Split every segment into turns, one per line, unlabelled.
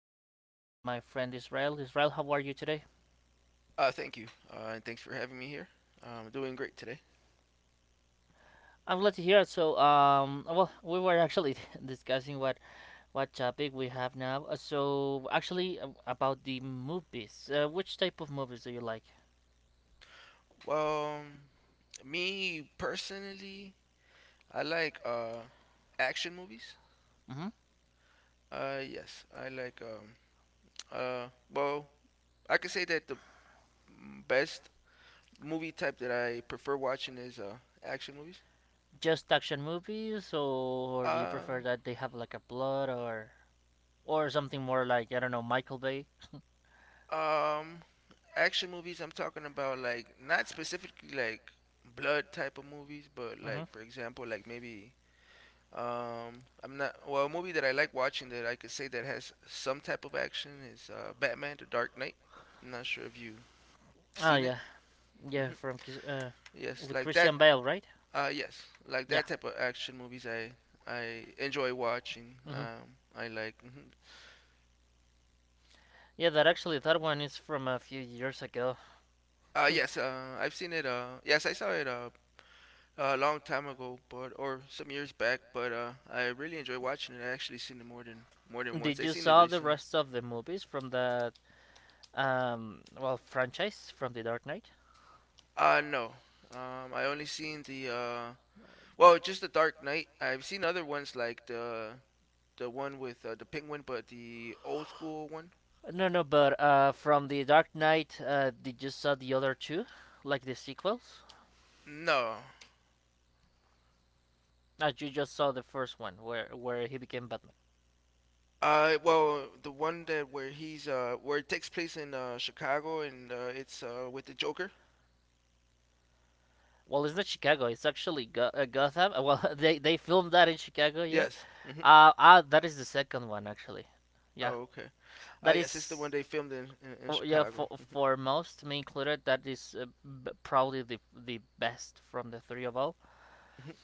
I'm with my friend Israel. Israel, how are you today?
Thank you, and thanks for having me here. I Doing great today.
I'm glad to hear it. So, we were actually discussing what topic we have now. So, actually, about the movies. Which type of movies do you like?
Well, me personally, I like action movies.
Hmm
Yes, I like uh well, I could say that the best movie type that I prefer watching is action movies.
Just action movies, or do you
Uh,
prefer that they have like a plot, or something more like, I don't know, Michael Bay?
um, Action movies. I'm talking about like not specifically like blood type of movies, but
Mm-hmm.
like for example, like maybe. I'm not well. A movie that I like watching that I could say that has some type of action is Batman: The Dark Knight. I'm not sure if you have
Oh
seen it.
yeah, yeah,
Hmm. Yes,
with
like that.
Christian Bale, right?
Yes, like
Yeah.
that type of action movies. I enjoy watching.
Mm-hmm.
I like. Hmm.
Yeah, that actually that one is from a few years ago.
Yes. I've seen it. Yes, I saw it. A long time ago, but or some years back. But I really enjoy watching it. I actually seen it more than once.
Did
I
you
seen it
saw the
recently.
rest of the movies from that, franchise from the Dark Knight?
No. I only seen the well, just the Dark Knight. I've seen other ones like the one with the penguin, but the old school one.
No, no, but from the Dark Knight, did you saw the other two, like the sequels?
No.
You just saw the first one where he became Batman.
Well, the one that where he's where it takes place in Chicago and it's with the Joker.
Well, it's not Chicago. It's actually Gotham. Well, they filmed that in Chicago, yeah.
Yes. Hmm.
That is the second one actually. Yeah.
Oh, okay.
That
Yes, it's the one
is,
they filmed in
oh, yeah,
Chicago.
for most, me included, that is, probably the best from the three of all.
Mhm.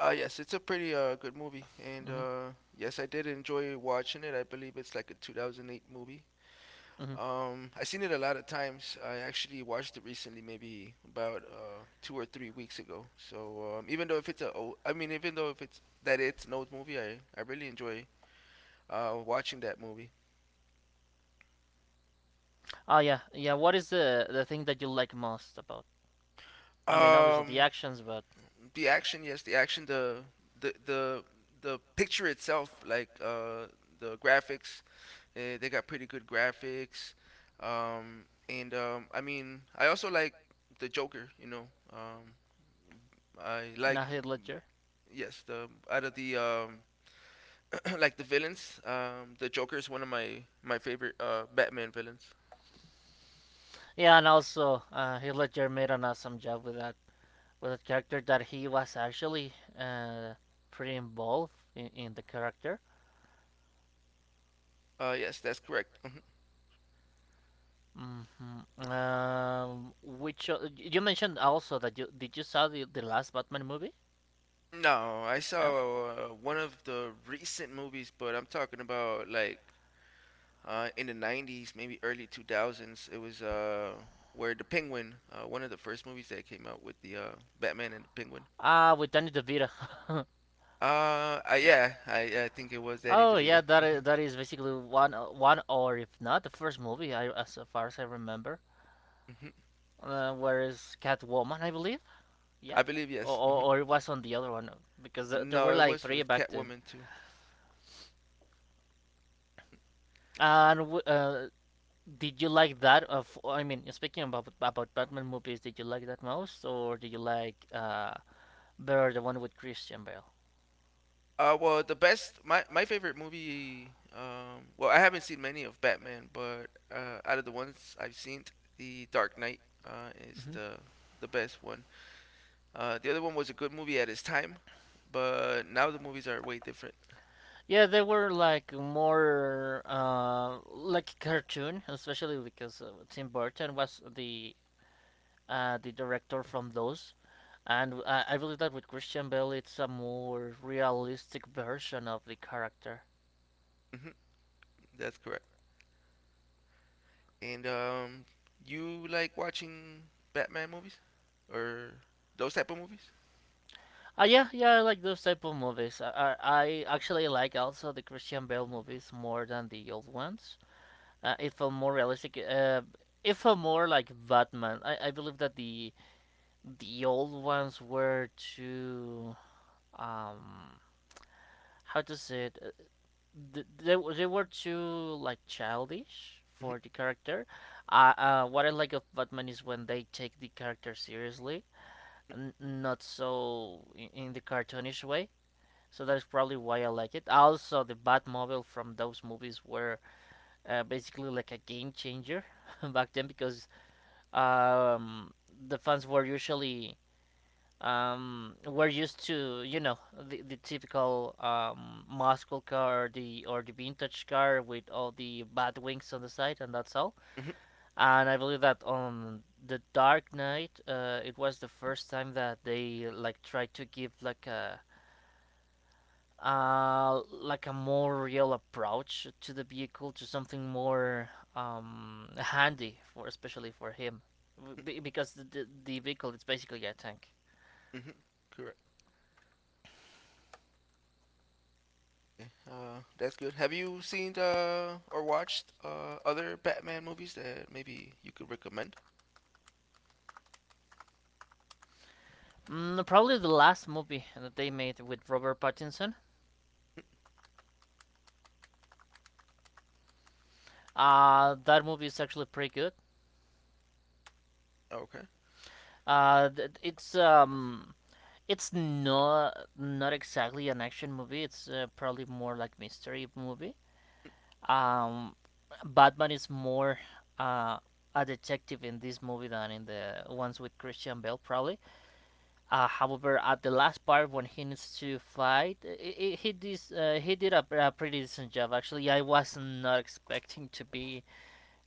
Yes, it's a pretty good movie, and
Hmm
yes, I did enjoy watching it. I believe it's like a 2008 movie.
hmm
I've seen it a lot of times. I actually watched it recently, maybe about 2 or 3 weeks ago. So even though if it's I mean, even though if it's that it's an old movie, I really enjoy watching that movie.
Oh yeah, yeah. What is the thing that you like most about? I mean, obviously the
Um,
actions, but
the action, yes, the action, the the the picture itself, like the graphics, they got pretty good graphics. And I mean, I also like the Joker. Um, I
not
like.
Heath Ledger.
Yes, the out of the like the villains, the Joker is one of my favorite Batman villains.
Yeah, and also Heath Ledger made an awesome job with that, character that he was actually, uh, pretty involved in, the character.
Yes, that's correct. Mhm.
Mhm. Which you mentioned also that you did you saw the last Batman movie?
No, I
Yeah.
saw one of the recent movies, but I'm talking about like in the 90s, maybe early 2000s. It was where the Penguin, one of the first movies that came out with the Batman and the Penguin.
Ah, with Danny DeVito.
Yeah, I think it was Danny
Oh yeah,
DeVito.
that is basically one one or if not the first movie I as far as I remember.
Mhm.
Whereas Catwoman, I believe, yeah,
I believe yes. Mhm.
or it was on the other one, because there
No,
were
it
like
was
three
with
back then.
Catwoman too.
And did you like that? Of I mean, speaking about Batman movies, did you like that most, or did you like, better the one with Christian Bale?
Well, the best my my favorite movie. Well, I haven't seen many of Batman, but out of the ones I've seen, The Dark Knight is
Hmm
the best one. The other one was a good movie at its time, but now the movies are way different.
Yeah, they were like more, like cartoon, especially because Tim Burton was the, the director from those, and I believe that with Christian Bale, it's a more realistic version of the character.
Hmm. That's correct. And you like watching Batman movies or those type of movies?
Yeah, yeah, I like those type of movies. I actually like also the Christian Bale movies more than the old ones. It felt more realistic. It felt more like Batman. I believe that the old ones were too, um how to say it. Th- they were- they were too like childish
Hmm.
for the character. What I like of Batman is when they take the character seriously, and not so in, the cartoonish way. So that is probably why I like it. Also, the Batmobile from those movies were, basically like a game changer back then because, um, the fans were usually, were used to, you know, the typical, muscle car or the vintage car with all the bat wings on the side and that's all.
Hmm.
And I believe that on the Dark Knight, it was the first time that they like tried to give like a, like a more real approach to the vehicle, to something more, handy for, especially for him. Because the vehicle is basically a tank.
Hmm. Correct. That's good. Have you seen or watched other Batman movies that maybe you could recommend?
Mm, probably the last movie that they made with Robert Pattinson. That movie is actually pretty good.
Okay.
uh, th- it's um, it's not not exactly an action movie, it's, probably more like mystery movie. Um, Batman is more, uh, a detective in this movie than in the ones with Christian Bale, probably. However, at the last part when he needs to fight, I he did, he did a pretty decent job. Actually, I was not expecting to be,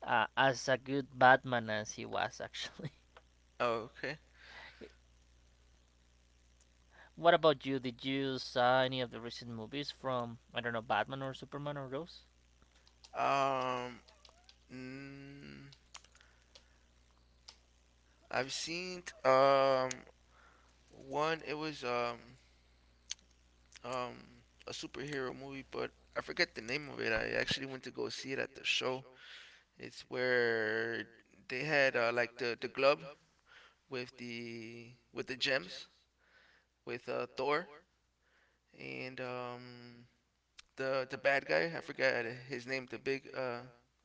as a good Batman as he was. Actually,
Okay.
what about you? Did you saw any of the recent movies from, I don't know, Batman or Superman or those?
Um, mm, I've seen one. It was a superhero movie, but I forget the name of it. I actually went to go see it at the show. It's where they had like the glove with the gems with Thor and the bad guy. I forgot his name. The big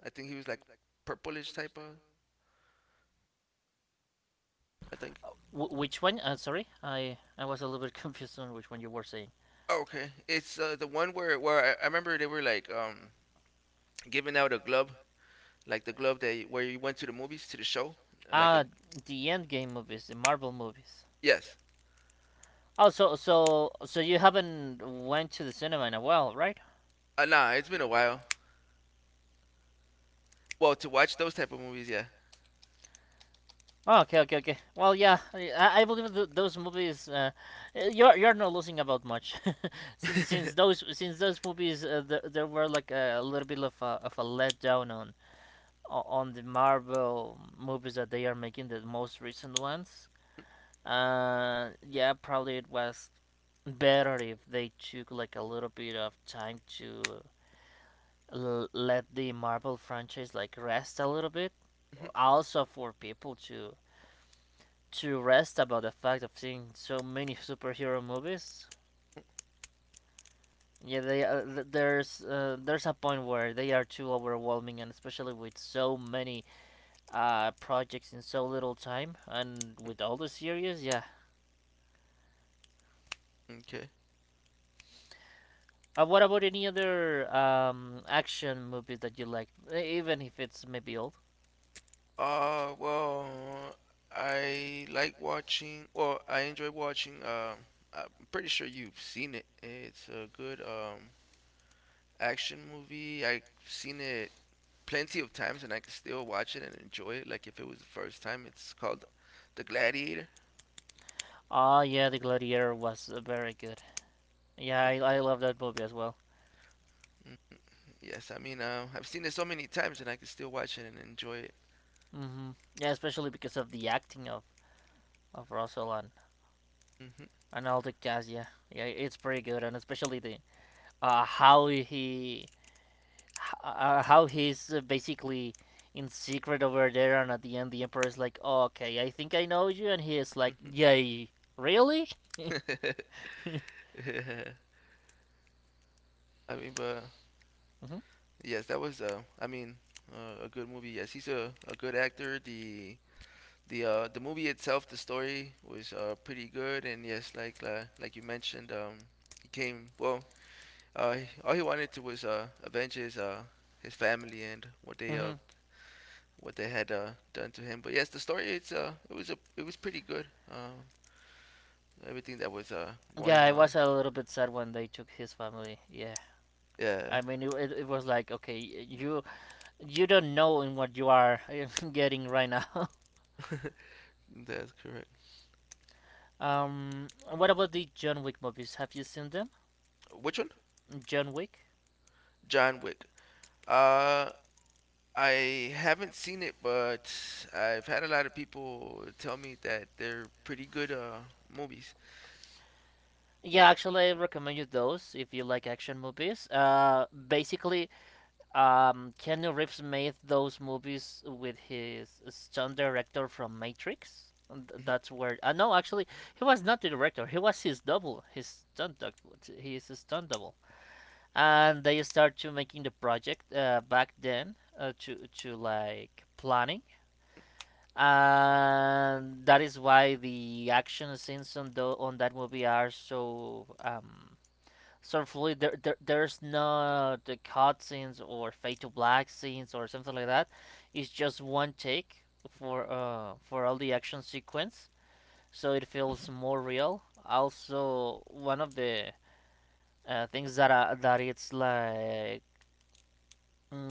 I think he was like purplish type of. I think.
Which one? Sorry, I was a little bit confused on which one you were saying.
Oh, okay, it's the one where I remember they were like giving out a glove, like the glove that where you went to the movies to the show, like a
Ah, the end game movies, the Marvel movies.
yes.
Oh, so you haven't went to the cinema in a while, right?
Nah, it's been a while. Well, to watch those type of movies, yeah.
Oh, okay, okay, okay. Well, yeah, I believe those movies. You're not losing about much, since those movies, there, there were like a little bit of a letdown on, on the Marvel movies that they are making, the most recent ones. Yeah, probably it was better if they took like a little bit of time to, let the Marvel franchise like rest a little bit.
Mhm,
Also for people to rest about the fact of seeing so many superhero movies. Yeah, there's, there's a point where they are too overwhelming, and especially with so many, projects in so little time, and with all the series, yeah.
okay.
What about any other, action movies that you like, even if it's maybe old?
Well, I like watching. Well, I enjoy watching. I'm pretty sure you've seen it. It's a good action movie. I've seen it plenty of times and I can still watch it and enjoy it like if it was the first time. It's called The Gladiator.
Ah, yeah, The Gladiator was, very good. Yeah, I love that movie as well.
Mm-hmm. Yes, I mean, I've seen it so many times and I can still watch it and enjoy it.
Hmm Yeah, especially because of the acting of Russell
Hmm.
and all the cast. Yeah, yeah, it's pretty good, and especially the, uh, how he h- how he's, basically in secret over there, and at the end the emperor is like, oh, "Okay, I think I know you," and he is like,
Hmm.
"Yay, really?"
I mean, but
hmm
yes, that was, I mean, a good movie. Yes, he's a good actor. The movie itself, the story was pretty good, and yes, like you mentioned, he came well. All he wanted to was avenge his family and
hmm
what they had done to him. But yes, the story it's it was a it was pretty good. Everything that was
Yeah,
going
I
on.
was a little bit sad when they took his family. Yeah. I
Yeah,
mean, it was like, okay, you don't know in what you are getting right now.
that's correct.
What about the John Wick movies? Have you seen them?
Which one?
John Wick?
John Wick. Uh, I haven't seen it, but I've had a lot of people tell me that they're pretty good movies.
Yeah, actually, I recommend you those if you like action movies. Basically, Keanu Reeves made those movies with his stunt director from Matrix. And that's where. No, actually, he was not the director. He was his double, his stunt double. His stunt double, and they start to making the project, back then, to like planning, and that is why the action scenes on the on that movie are so, fluid. There, there's no the cut scenes or fade to black scenes or something like that. It's just one take for, for all the action sequence, so it feels more real. Also, one of the, things that, that it's like, mm,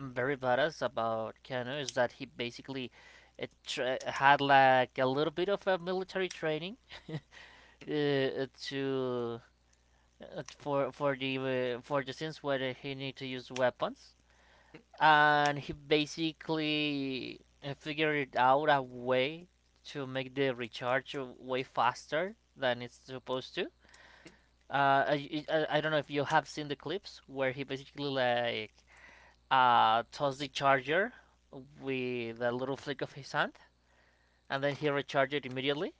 very badass about Kano is that he basically, had like a little bit of a military training, uh, to for for the scenes where he need to use weapons, and he basically, figured out a way to make the recharge way faster than it's supposed to. I don't know if you have seen the clips where he basically like, tossed the charger with a little flick of his hand, and then he recharged it immediately.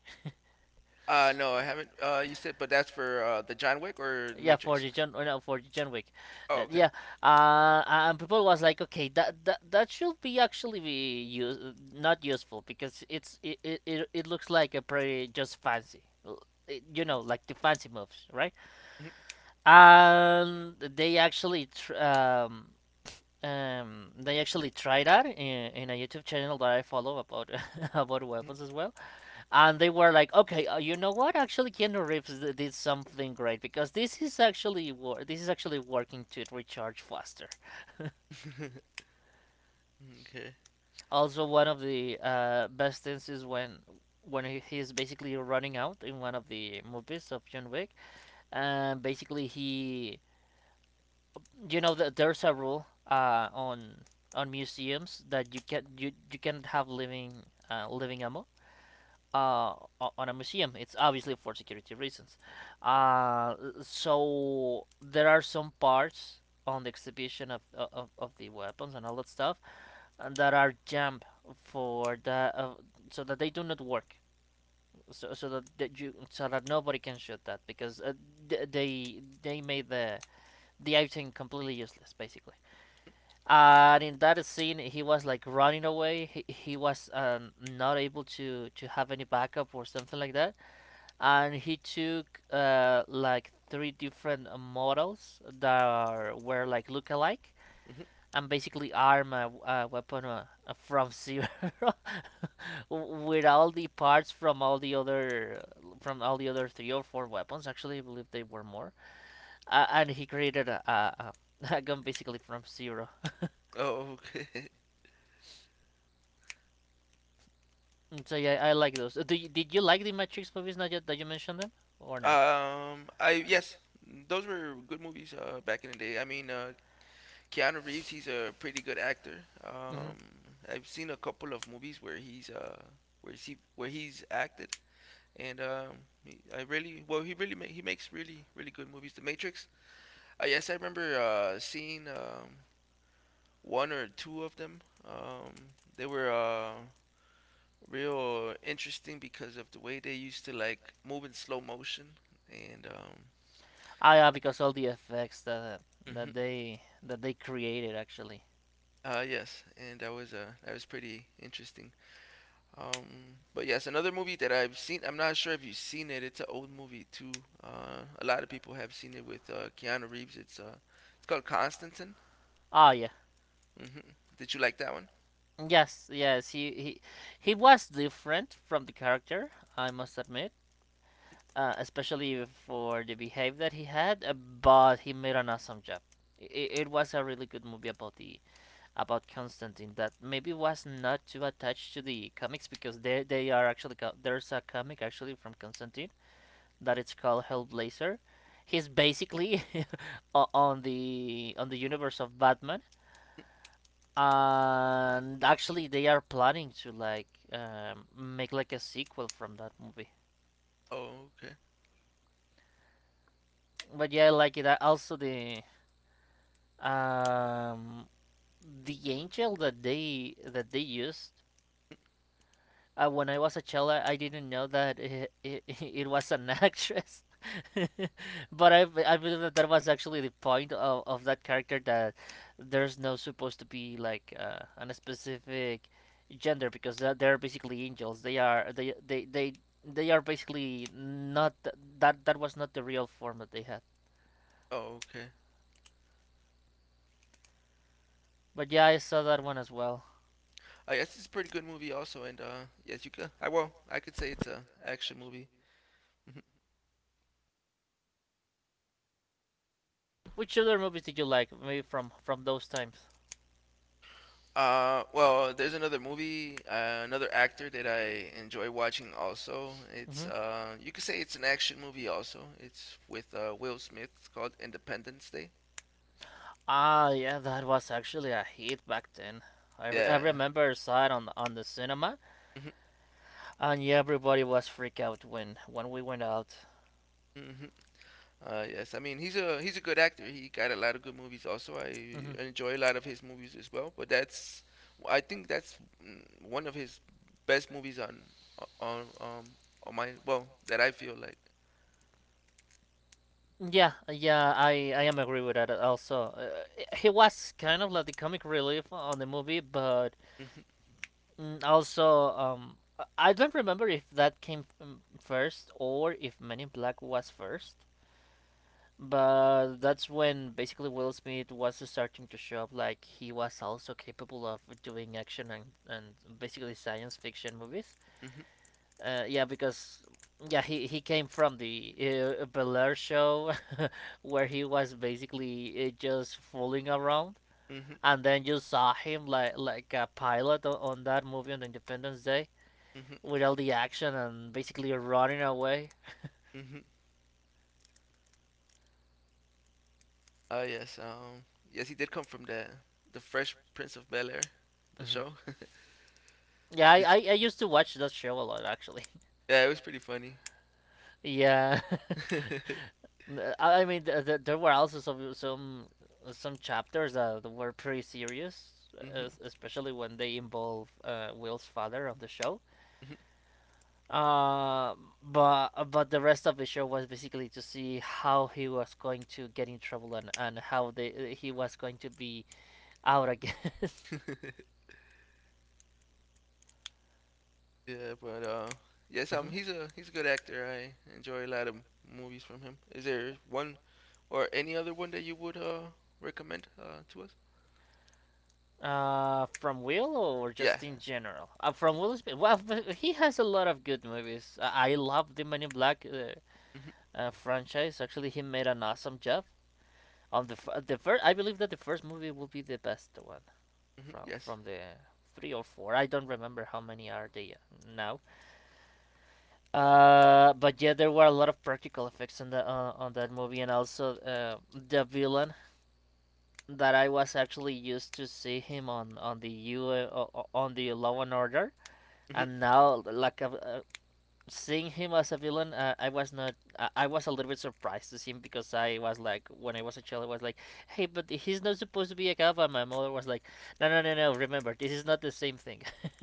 No, I haven't. You said, but that's
But that's
for
for,
the John
the John
Wick or
Wick? Or? Yeah, for
Matrix?
the John, no, for the John Wick,
Oh,
uh,
okay.
yeah, and people was like, okay, that should be actually be use, not useful because it's it looks like a pretty just fancy, you know, like the fancy moves, right?
Mhm,
And they actually they actually tried that in a YouTube channel that I follow about about
mhm.
weapons as well, and they were like, okay, you know what? Actually, Keanu Reeves did something great because this is actually this is actually working to recharge faster.
okay.
Also, one of the, best things is when he is basically running out in one of the movies of John Wick, and basically he, you know, that there's a rule, on museums that you can you can't have living, living ammo, uh, on a museum. It's obviously for security reasons. Uh, so there are some parts on the exhibition of the weapons and all that stuff, that are jammed for the, so that they do not work. So, so that, that you so that nobody can shoot that because, they made the item completely useless basically. And in that scene, he was like running away. He, he was not able to have any backup or something like that, and he took like three different models that were like look-alike,
Mhm.
and basically arm a weapon from zero with all the parts from all the other, from all the other three or four weapons. Actually I believe they were more, and he created a gun basically from zero.
Oh, okay.
So yeah, I like those. Did you like the Matrix movies, not that you mentioned them, or no?
I Yes, those were good movies. Back in the day. I mean, Keanu Reeves, he's a pretty good actor.
Hmm.
I've seen a couple of movies where he's acted, and I really well he makes really really good movies. The Matrix. Yes, I remember seeing one or two of them. They were real interesting because of the way they used to like move in slow motion and
Ah, yeah, because all the effects that
mhm.
that they created actually.
Yes, and that was pretty interesting. But yes, another movie that I've seen, I'm not sure if you've seen it, it's an old movie too. A lot of people have seen it with Keanu Reeves. It's called Constantine.
Ah, yeah.
Mm-hmm. Did you like that one?
Yes, yes. He he was different from the character. I must admit, especially for the behavior that he had. But he made an awesome job. It was a really good movie about the, about Constantine, that maybe was not too attached to the comics because they are actually there's a comic actually from Constantine that it's called Hellblazer. He's basically on the universe of Batman, and actually they are planning to like make like a sequel from that movie.
Oh, okay.
But yeah, I like it. Also um, the angel that they used. When I was a child, I didn't know that it was an actress. But I believe that that was actually the point of that character, that there's no supposed to be like a specific gender, because they're basically angels. They are they they are basically not that was not the real form that they had.
Oh, okay.
But yeah, I saw that one as well.
Yes, it's a pretty good movie also, and yes, you could I well, I could say it's a action movie. Hmm.
Which other movies did you like? Maybe from those times.
Well, there's another movie, another actor that I enjoy watching. Also, it's
Hmm.
you could say it's an action movie. Also, it's with Will Smith. It's called Independence Day.
Ah, yeah, that was actually a hit back then. I
Yeah.
remember I saw it on the cinema,
Mm-hmm.
and yeah, everybody was freaked out when we went out.
Mm-hmm. Yes, I mean he's a good actor. He got a lot of good movies. Also, I
Hmm.
enjoy a lot of his movies as well. But that's, I think, that's one of his best movies on um on my, well, that I feel like.
Yeah, yeah, I am agree with that. Also, he was kind of like the comic relief on the movie. But
Mm-hmm.
mm, also I don't remember if that came first, or if Men in Black was first. But that's when basically Will Smith was starting to show up like he was also capable of doing action, and basically science fiction movies. Uh, yeah, because yeah, he came from the Bel Air show where he was basically just fooling around,
Hmm.
and then you saw him like a pilot on that movie on Independence Day,
Hmm.
with all the action and basically running away.
Hmm. Oh yes, yes, he did come from the Fresh Prince of Bel Air, the
Mhm.
show.
Yeah,
Did you?
I used to watch that show a lot actually.
Yeah, it was pretty funny.
Yeah. I mean, there were also some some chapters that were pretty serious,
Mhm.
especially when they involve Will's father on the show. Uh, but the rest of the show was basically to see how he was going to get in trouble, and how they he was going to be out again.
Yeah, but yes,
Mhm.
he's a good actor. I enjoy a lot of movies from him. Is there one or any other one that you would recommend to us?
From Will or
Yeah.
just in general? From Will's, well, but he has a lot of good movies. I love The Man in Black.
Hmm.
Franchise. Actually, he made an awesome job on the the first. I believe that the first movie will be the best one
Hmm. Yes.
from the three or four. I don't remember how many are they now. But yeah, there were a lot of practical effects on the on that movie, and also the villain that I was actually used to see him on the U on the Law and Order, and
Hmm.
now like a, seeing him as a villain, I was not. I was a little bit surprised to see him because I was like, when I was a child, I was like, "Hey, but he's not supposed to be a cop." And my mother was like, "No, no, no, no. Remember, this is not the same thing."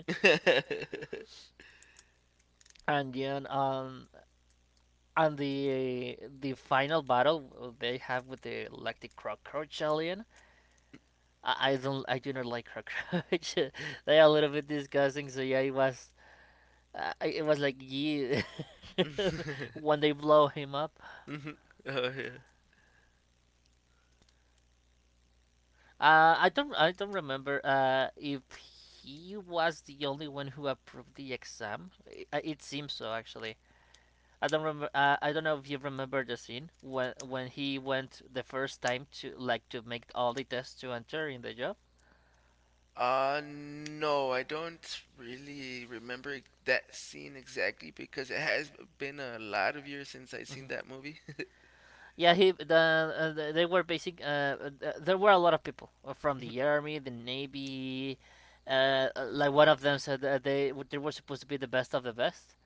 And then, and the final battle they have with the like the cockroach alien. I don't. I do not like cockroach. They are a little bit disgusting. So yeah, it was. It was like yeah. When they blow him up.
Hmm. Oh yeah.
I don't remember if he was the only one who approved the exam. It seems so actually. I don't remember. I don't know if you remember the scene when he went the first time to like to make all the tests to enter in the job.
No, I don't really remember that scene exactly because it has been a lot of years since I seen
Mhm.
that movie.
Yeah, he the, they were basic. There were a lot of people from the army, the navy. Like one of them said that they were supposed to be the best of the best.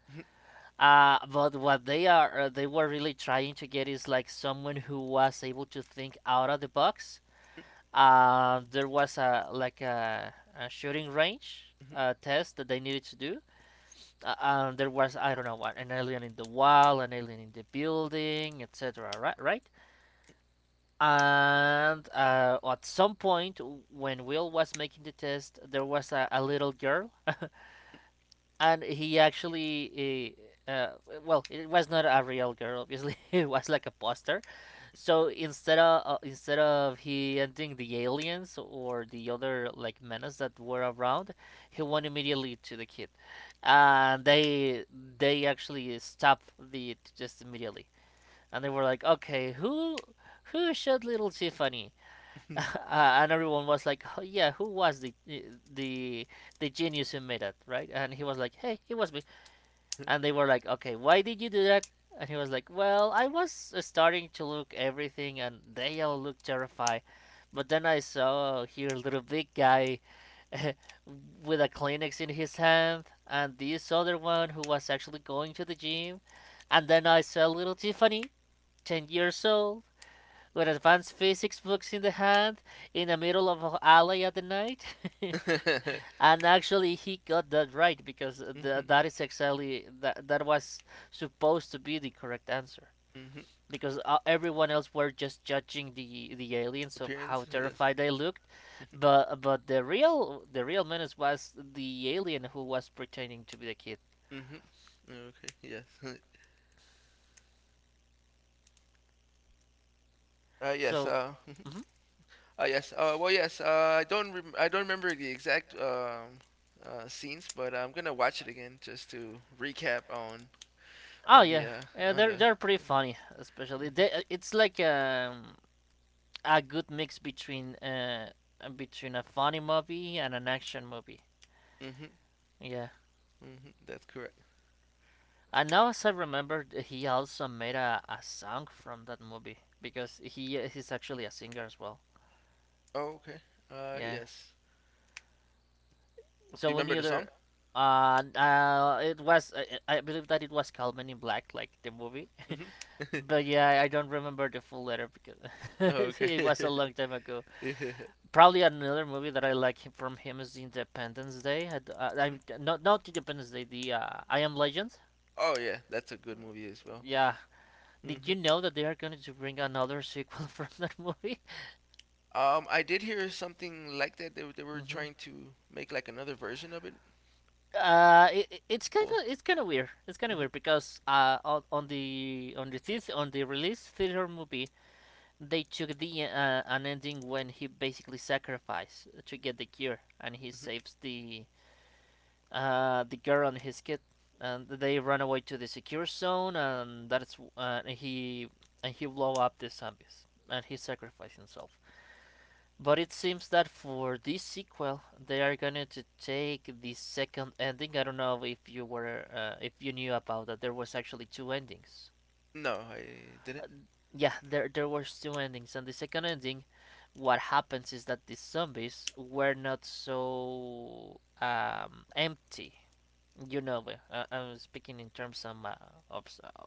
But what they are, they were really trying to get is like someone who was able to think out of the box. There was a like a shooting range test that they needed to do. There was I don't know what, an alien in the wall, an alien in the building, etc. Right, right. And at some point, when Will was making the test, there was a little girl, and he actually uh, uh, well, it was not a real girl obviously, it was like a poster. So instead of he ending the aliens or the other like menace that were around, he went immediately to the kid, and they actually stopped the it just immediately. And they were like, okay, who shot little Tiffany? uh, and everyone was like, oh, yeah, who was the the genius who made it, right? And he was like, hey, it was me. And they were like, okay, why did you do that? And he was like, well, I was starting to look everything, and they all looked terrified. But then I saw here a little big guy with a Kleenex in his hand, and this other one who was actually going to the gym. And then I saw little Tiffany, 10 years old, with advanced physics books in the hand, in the middle of an alley at the night. And actually, he got that right, because that is exactly that, that was supposed to be the correct answer. Because everyone else were just judging the aliens of how
Appearance, yes.
terrified they looked, but the real menace was the alien who was pretending to be the kid.
Mm-hmm. Okay, yes. Yes.
So, mhm.
Yes. Well, yes. I don't. I don't remember the exact scenes, but I'm gonna watch it again just to recap on
Oh
on the
yeah,
uh,
yeah,
on the.
they're pretty
On
funny,
the.
especially
Mm-hmm,
they. It's like a good mix between between a funny movie and an action movie.
mm-hmm.
Yeah.
Hmm. That's correct.
And now, as I remember, he also made a song from that movie because he's actually a singer as well.
Oh, okay.
Yeah.
Yes. Do you
So
remember
we
the song?
other. It was I believe that it was called Men in Black, like the movie,
Hmm.
but yeah, I don't remember the full letter because it
okay.
was a long time ago.
Yeah.
Probably another movie that I like from him is Independence Day. I'm not, not Independence Day, the I Am Legend.
Oh yeah, that's a good movie as well.
Yeah, did
Hmm.
you know that they are going to bring another sequel from that movie?
I did hear something like that. They were trying to make like another version of it.
It- it's kind
Well,
of it's kind of weird. It's kind of weird
hmm
because on, on the theater, on the release theater movie, they took the an ending when he basically sacrificed to get the cure, and he
hmm
saves the girl and his kid, and they run away to the secure zone, and and he blow up the zombies and he sacrificed himself. But it seems that for this sequel, they are going to take the second ending. I don't know if you were, if you knew about that. There was actually two endings.
no, I didn't.
Uh, yeah, there was two endings, and the second ending, what happens is that the zombies were not so empty. You know, I'm speaking in terms of of,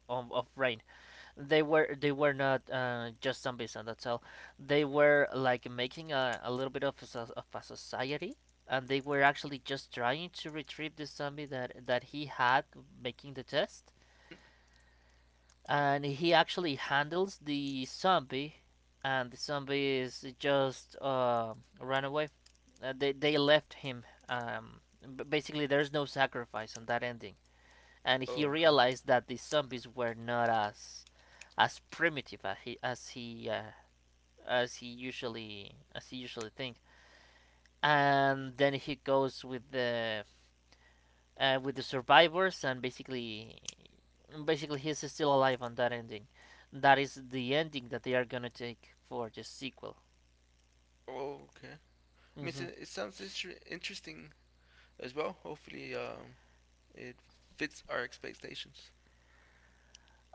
of brain. They were they were not just zombies and that's all. They were like making a little bit of a, of a society, and they were actually just trying to retrieve the zombie that that he had making the test. And he actually handles the zombie, and the zombie is just ran away. They left him basically, there's no sacrifice on that ending. And he
Oh, okay.
realized that the zombies were not as, as primitive as he as he as he usually think. And then he goes with the survivors, and basically basically he's still alive on that ending. That is the ending that they are gonna take for the sequel.
Oh, okay. I mean,
Mm-hmm.
it sounds interesting as well. Hopefully, it fits our expectations.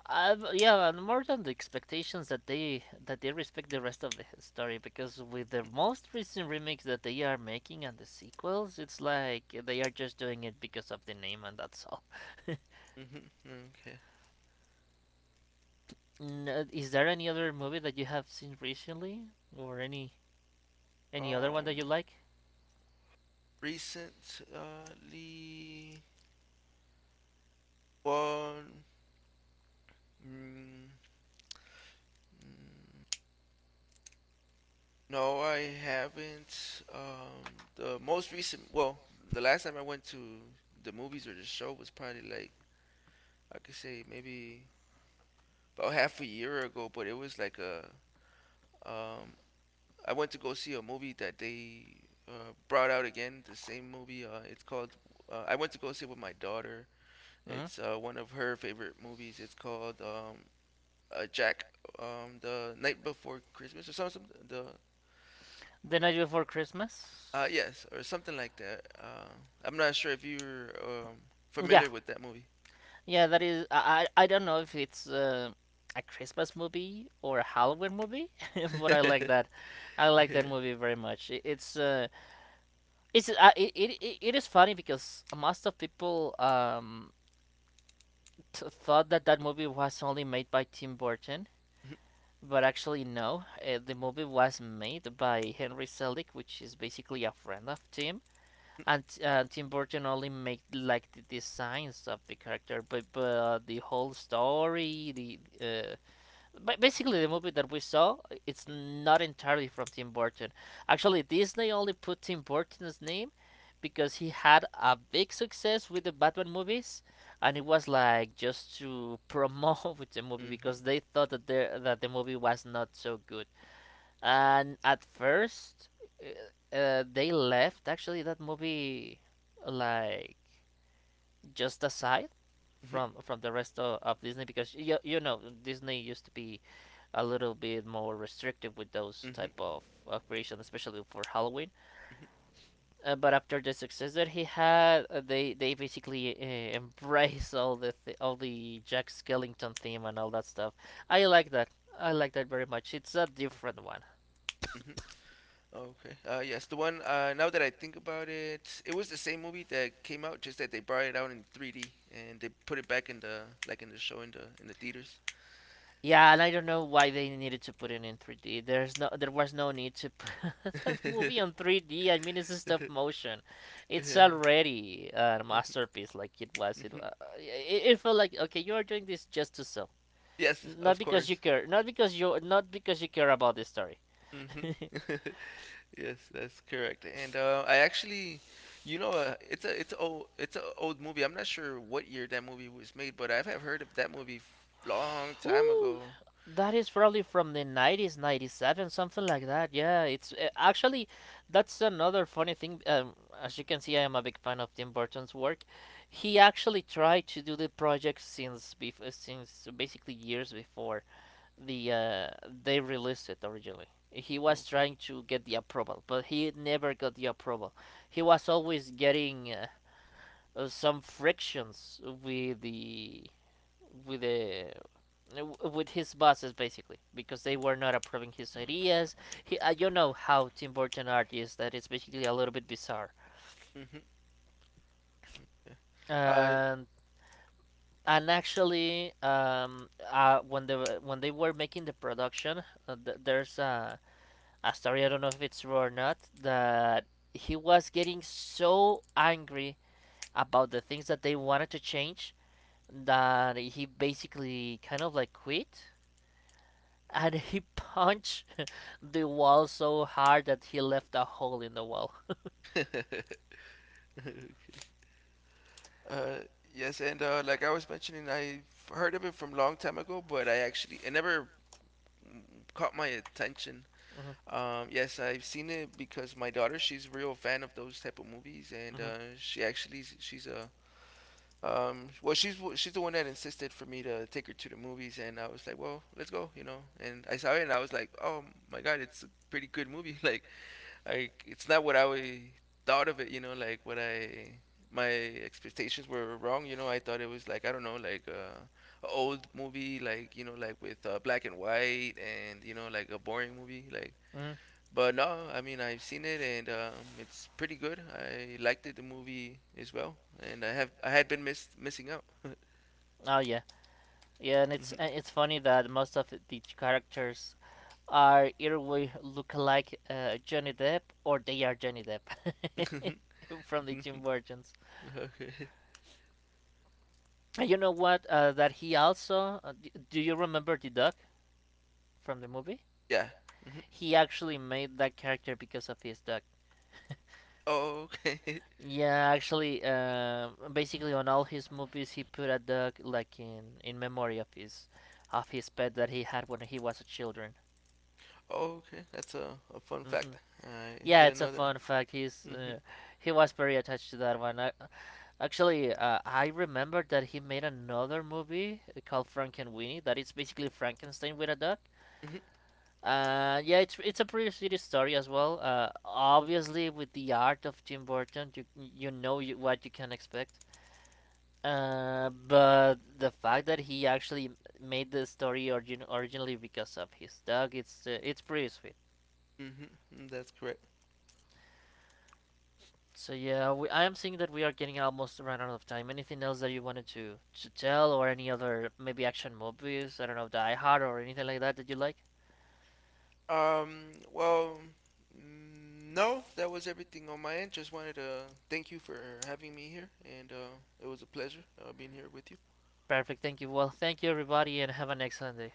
Yeah, and more than the expectations that they respect the rest of the story, because with the most recent remakes that they are making and the sequels, it's like they are just doing it because of the name and that's all.
Mm-hmm. Mm-hmm. Okay.
Is there any other movie that you have seen recently, or any other one that you
Um.
like?
Recently. Well, mm, no, I haven't. The most recent, well, the last time I went to the movies or the show was probably like I could say maybe about half a year ago, but it was like a um, I went to go see a movie that they brought out again, the same movie. It's called. I went to go see it with my daughter.
Mhm.
It's one of her favorite movies. It's called Jack the night before Christmas or something. The
The Night Before Christmas.
Yes, or something like that. I'm not sure if you're
Yeah,
familiar with that movie.
yeah. That is. I don't know if it's a Christmas movie or a Halloween movie, but I like
Mm-hmm.
that. I like that movie very much. It, it's it, it it- it is funny because most of people thought that that movie was only made by Tim Burton. But actually, no. The movie was made by Henry Selick, which is basically a friend of Tim. And Tim Burton only made like the designs of the character, but, the whole story, basically the movie that we saw, it's not entirely from Tim Burton. Actually Disney only put Tim Burton's name because he had a big success with the Batman movies, and it was like just to promote with the movie
Hmm.
because they thought that that the movie was not so good. And at first, they left actually that movie like just aside from the rest of Disney, because you know Disney used to be a little bit more restrictive with those
Hmm. Hmm.
type of creation, especially for Halloween. But after the success that he had, they basically embrace all the Jack Skellington theme and all that stuff. I like that. I like that very much. It's a different one.
Mhm. Okay. Yes, the one. Now that I think about it, it was the same movie that came out, just that they brought it out in 3D and they put it back in the like in the show in the theaters.
Yeah, and I don't know why they needed to put it in 3D. There was no need to put that movie on 3D. I mean, it's a stop motion. It's
Yeah.
already a masterpiece, like it was. It felt like, okay, you are doing this just to sell,
Yes,
not
of
because you
course.
care, not not because you care about the story.
Hmm. Yes, that's correct. And I actually, you know, it's a old movie. I'm not sure what year that movie was made, but I have heard of that movie long time
Whew,
ago.
that is probably from the 90s, 97, something like that. Yeah, it's actually that's another funny thing. As you can see, I am a big fan of Tim Burton's work. He actually tried to do the project since since basically years before the uh, they released it originally. He was
Okay.
trying to get the approval, but he never got the approval. He was always getting some frictions with the with the with his bosses, basically because they were not approving his ideas. He you know how Tim Burton art is, that it's basically a little bit bizarre.
Hmm. Hmm. Uh,
and and actually when they were making the production, there's a story, I don't know if it's true or not, that he was getting so angry about the things that they wanted to change that he basically kind of like quit, and he punched the wall so hard that he left a hole in the wall.
uh, yes, and like I was mentioning, I heard of it from long time ago, but I actually it never mm, caught my attention.
Mm-hmm.
Yes, I've seen it because my daughter, she's a real fan of those type of movies, and
Mm-hmm.
she actually she's a well, she's the one that insisted for me to take her to the movies, and I was like, well, let's go, you know. And I saw it, and I was like, oh my god, it's a pretty good movie. Like, I it's not what I thought of it, you know. Like what I my expectations were wrong, you know. I thought it was like I don't know, like a old movie, like you know, like with black and white, and you know, like a boring movie, like.
Mm.
But no, I mean I've seen it and it's pretty good. I liked it, the movie as well, and I had been missing out.
Oh yeah, yeah, and it's funny that most of the characters are either we look like Johnny Depp or they are Johnny Depp
Mm-hmm.
from the Tim Burton's.
Okay.
And you know what? That he also do you remember the dog from the movie?
Yeah. Mhm.
He actually made that character because of his dog.
Oh, okay.
Yeah, actually, basically on all his movies, he put a dog like in memory of his pet that he had when he was a children.
Oh, okay. That's a fun
Hmm.
fact. I
Yeah,
didn't
it's a
know that.
fun fact. He's
Mhm.
he was very attached to that one. Actually, I remember that he made another movie called Frank and Winnie. That it's basically Frankenstein with a dog.
Mhm.
Yeah, it's a pretty sweet story as well. Obviously, with the art of Tim Burton, what you can expect. But the fact that he actually made the story originally because of his dog, it's pretty sweet.
Mhm. That's correct.
So yeah, I am seeing that we are getting almost run out of time. Anything else that you wanted to tell, or any other maybe action movies? I don't know, Die Hard or anything like that that you like.
Well. No, that was everything on my end. Just wanted to thank you for having me here, and it was a pleasure being here with you.
Perfect. Thank you. Well, thank you everybody, and have an excellent day.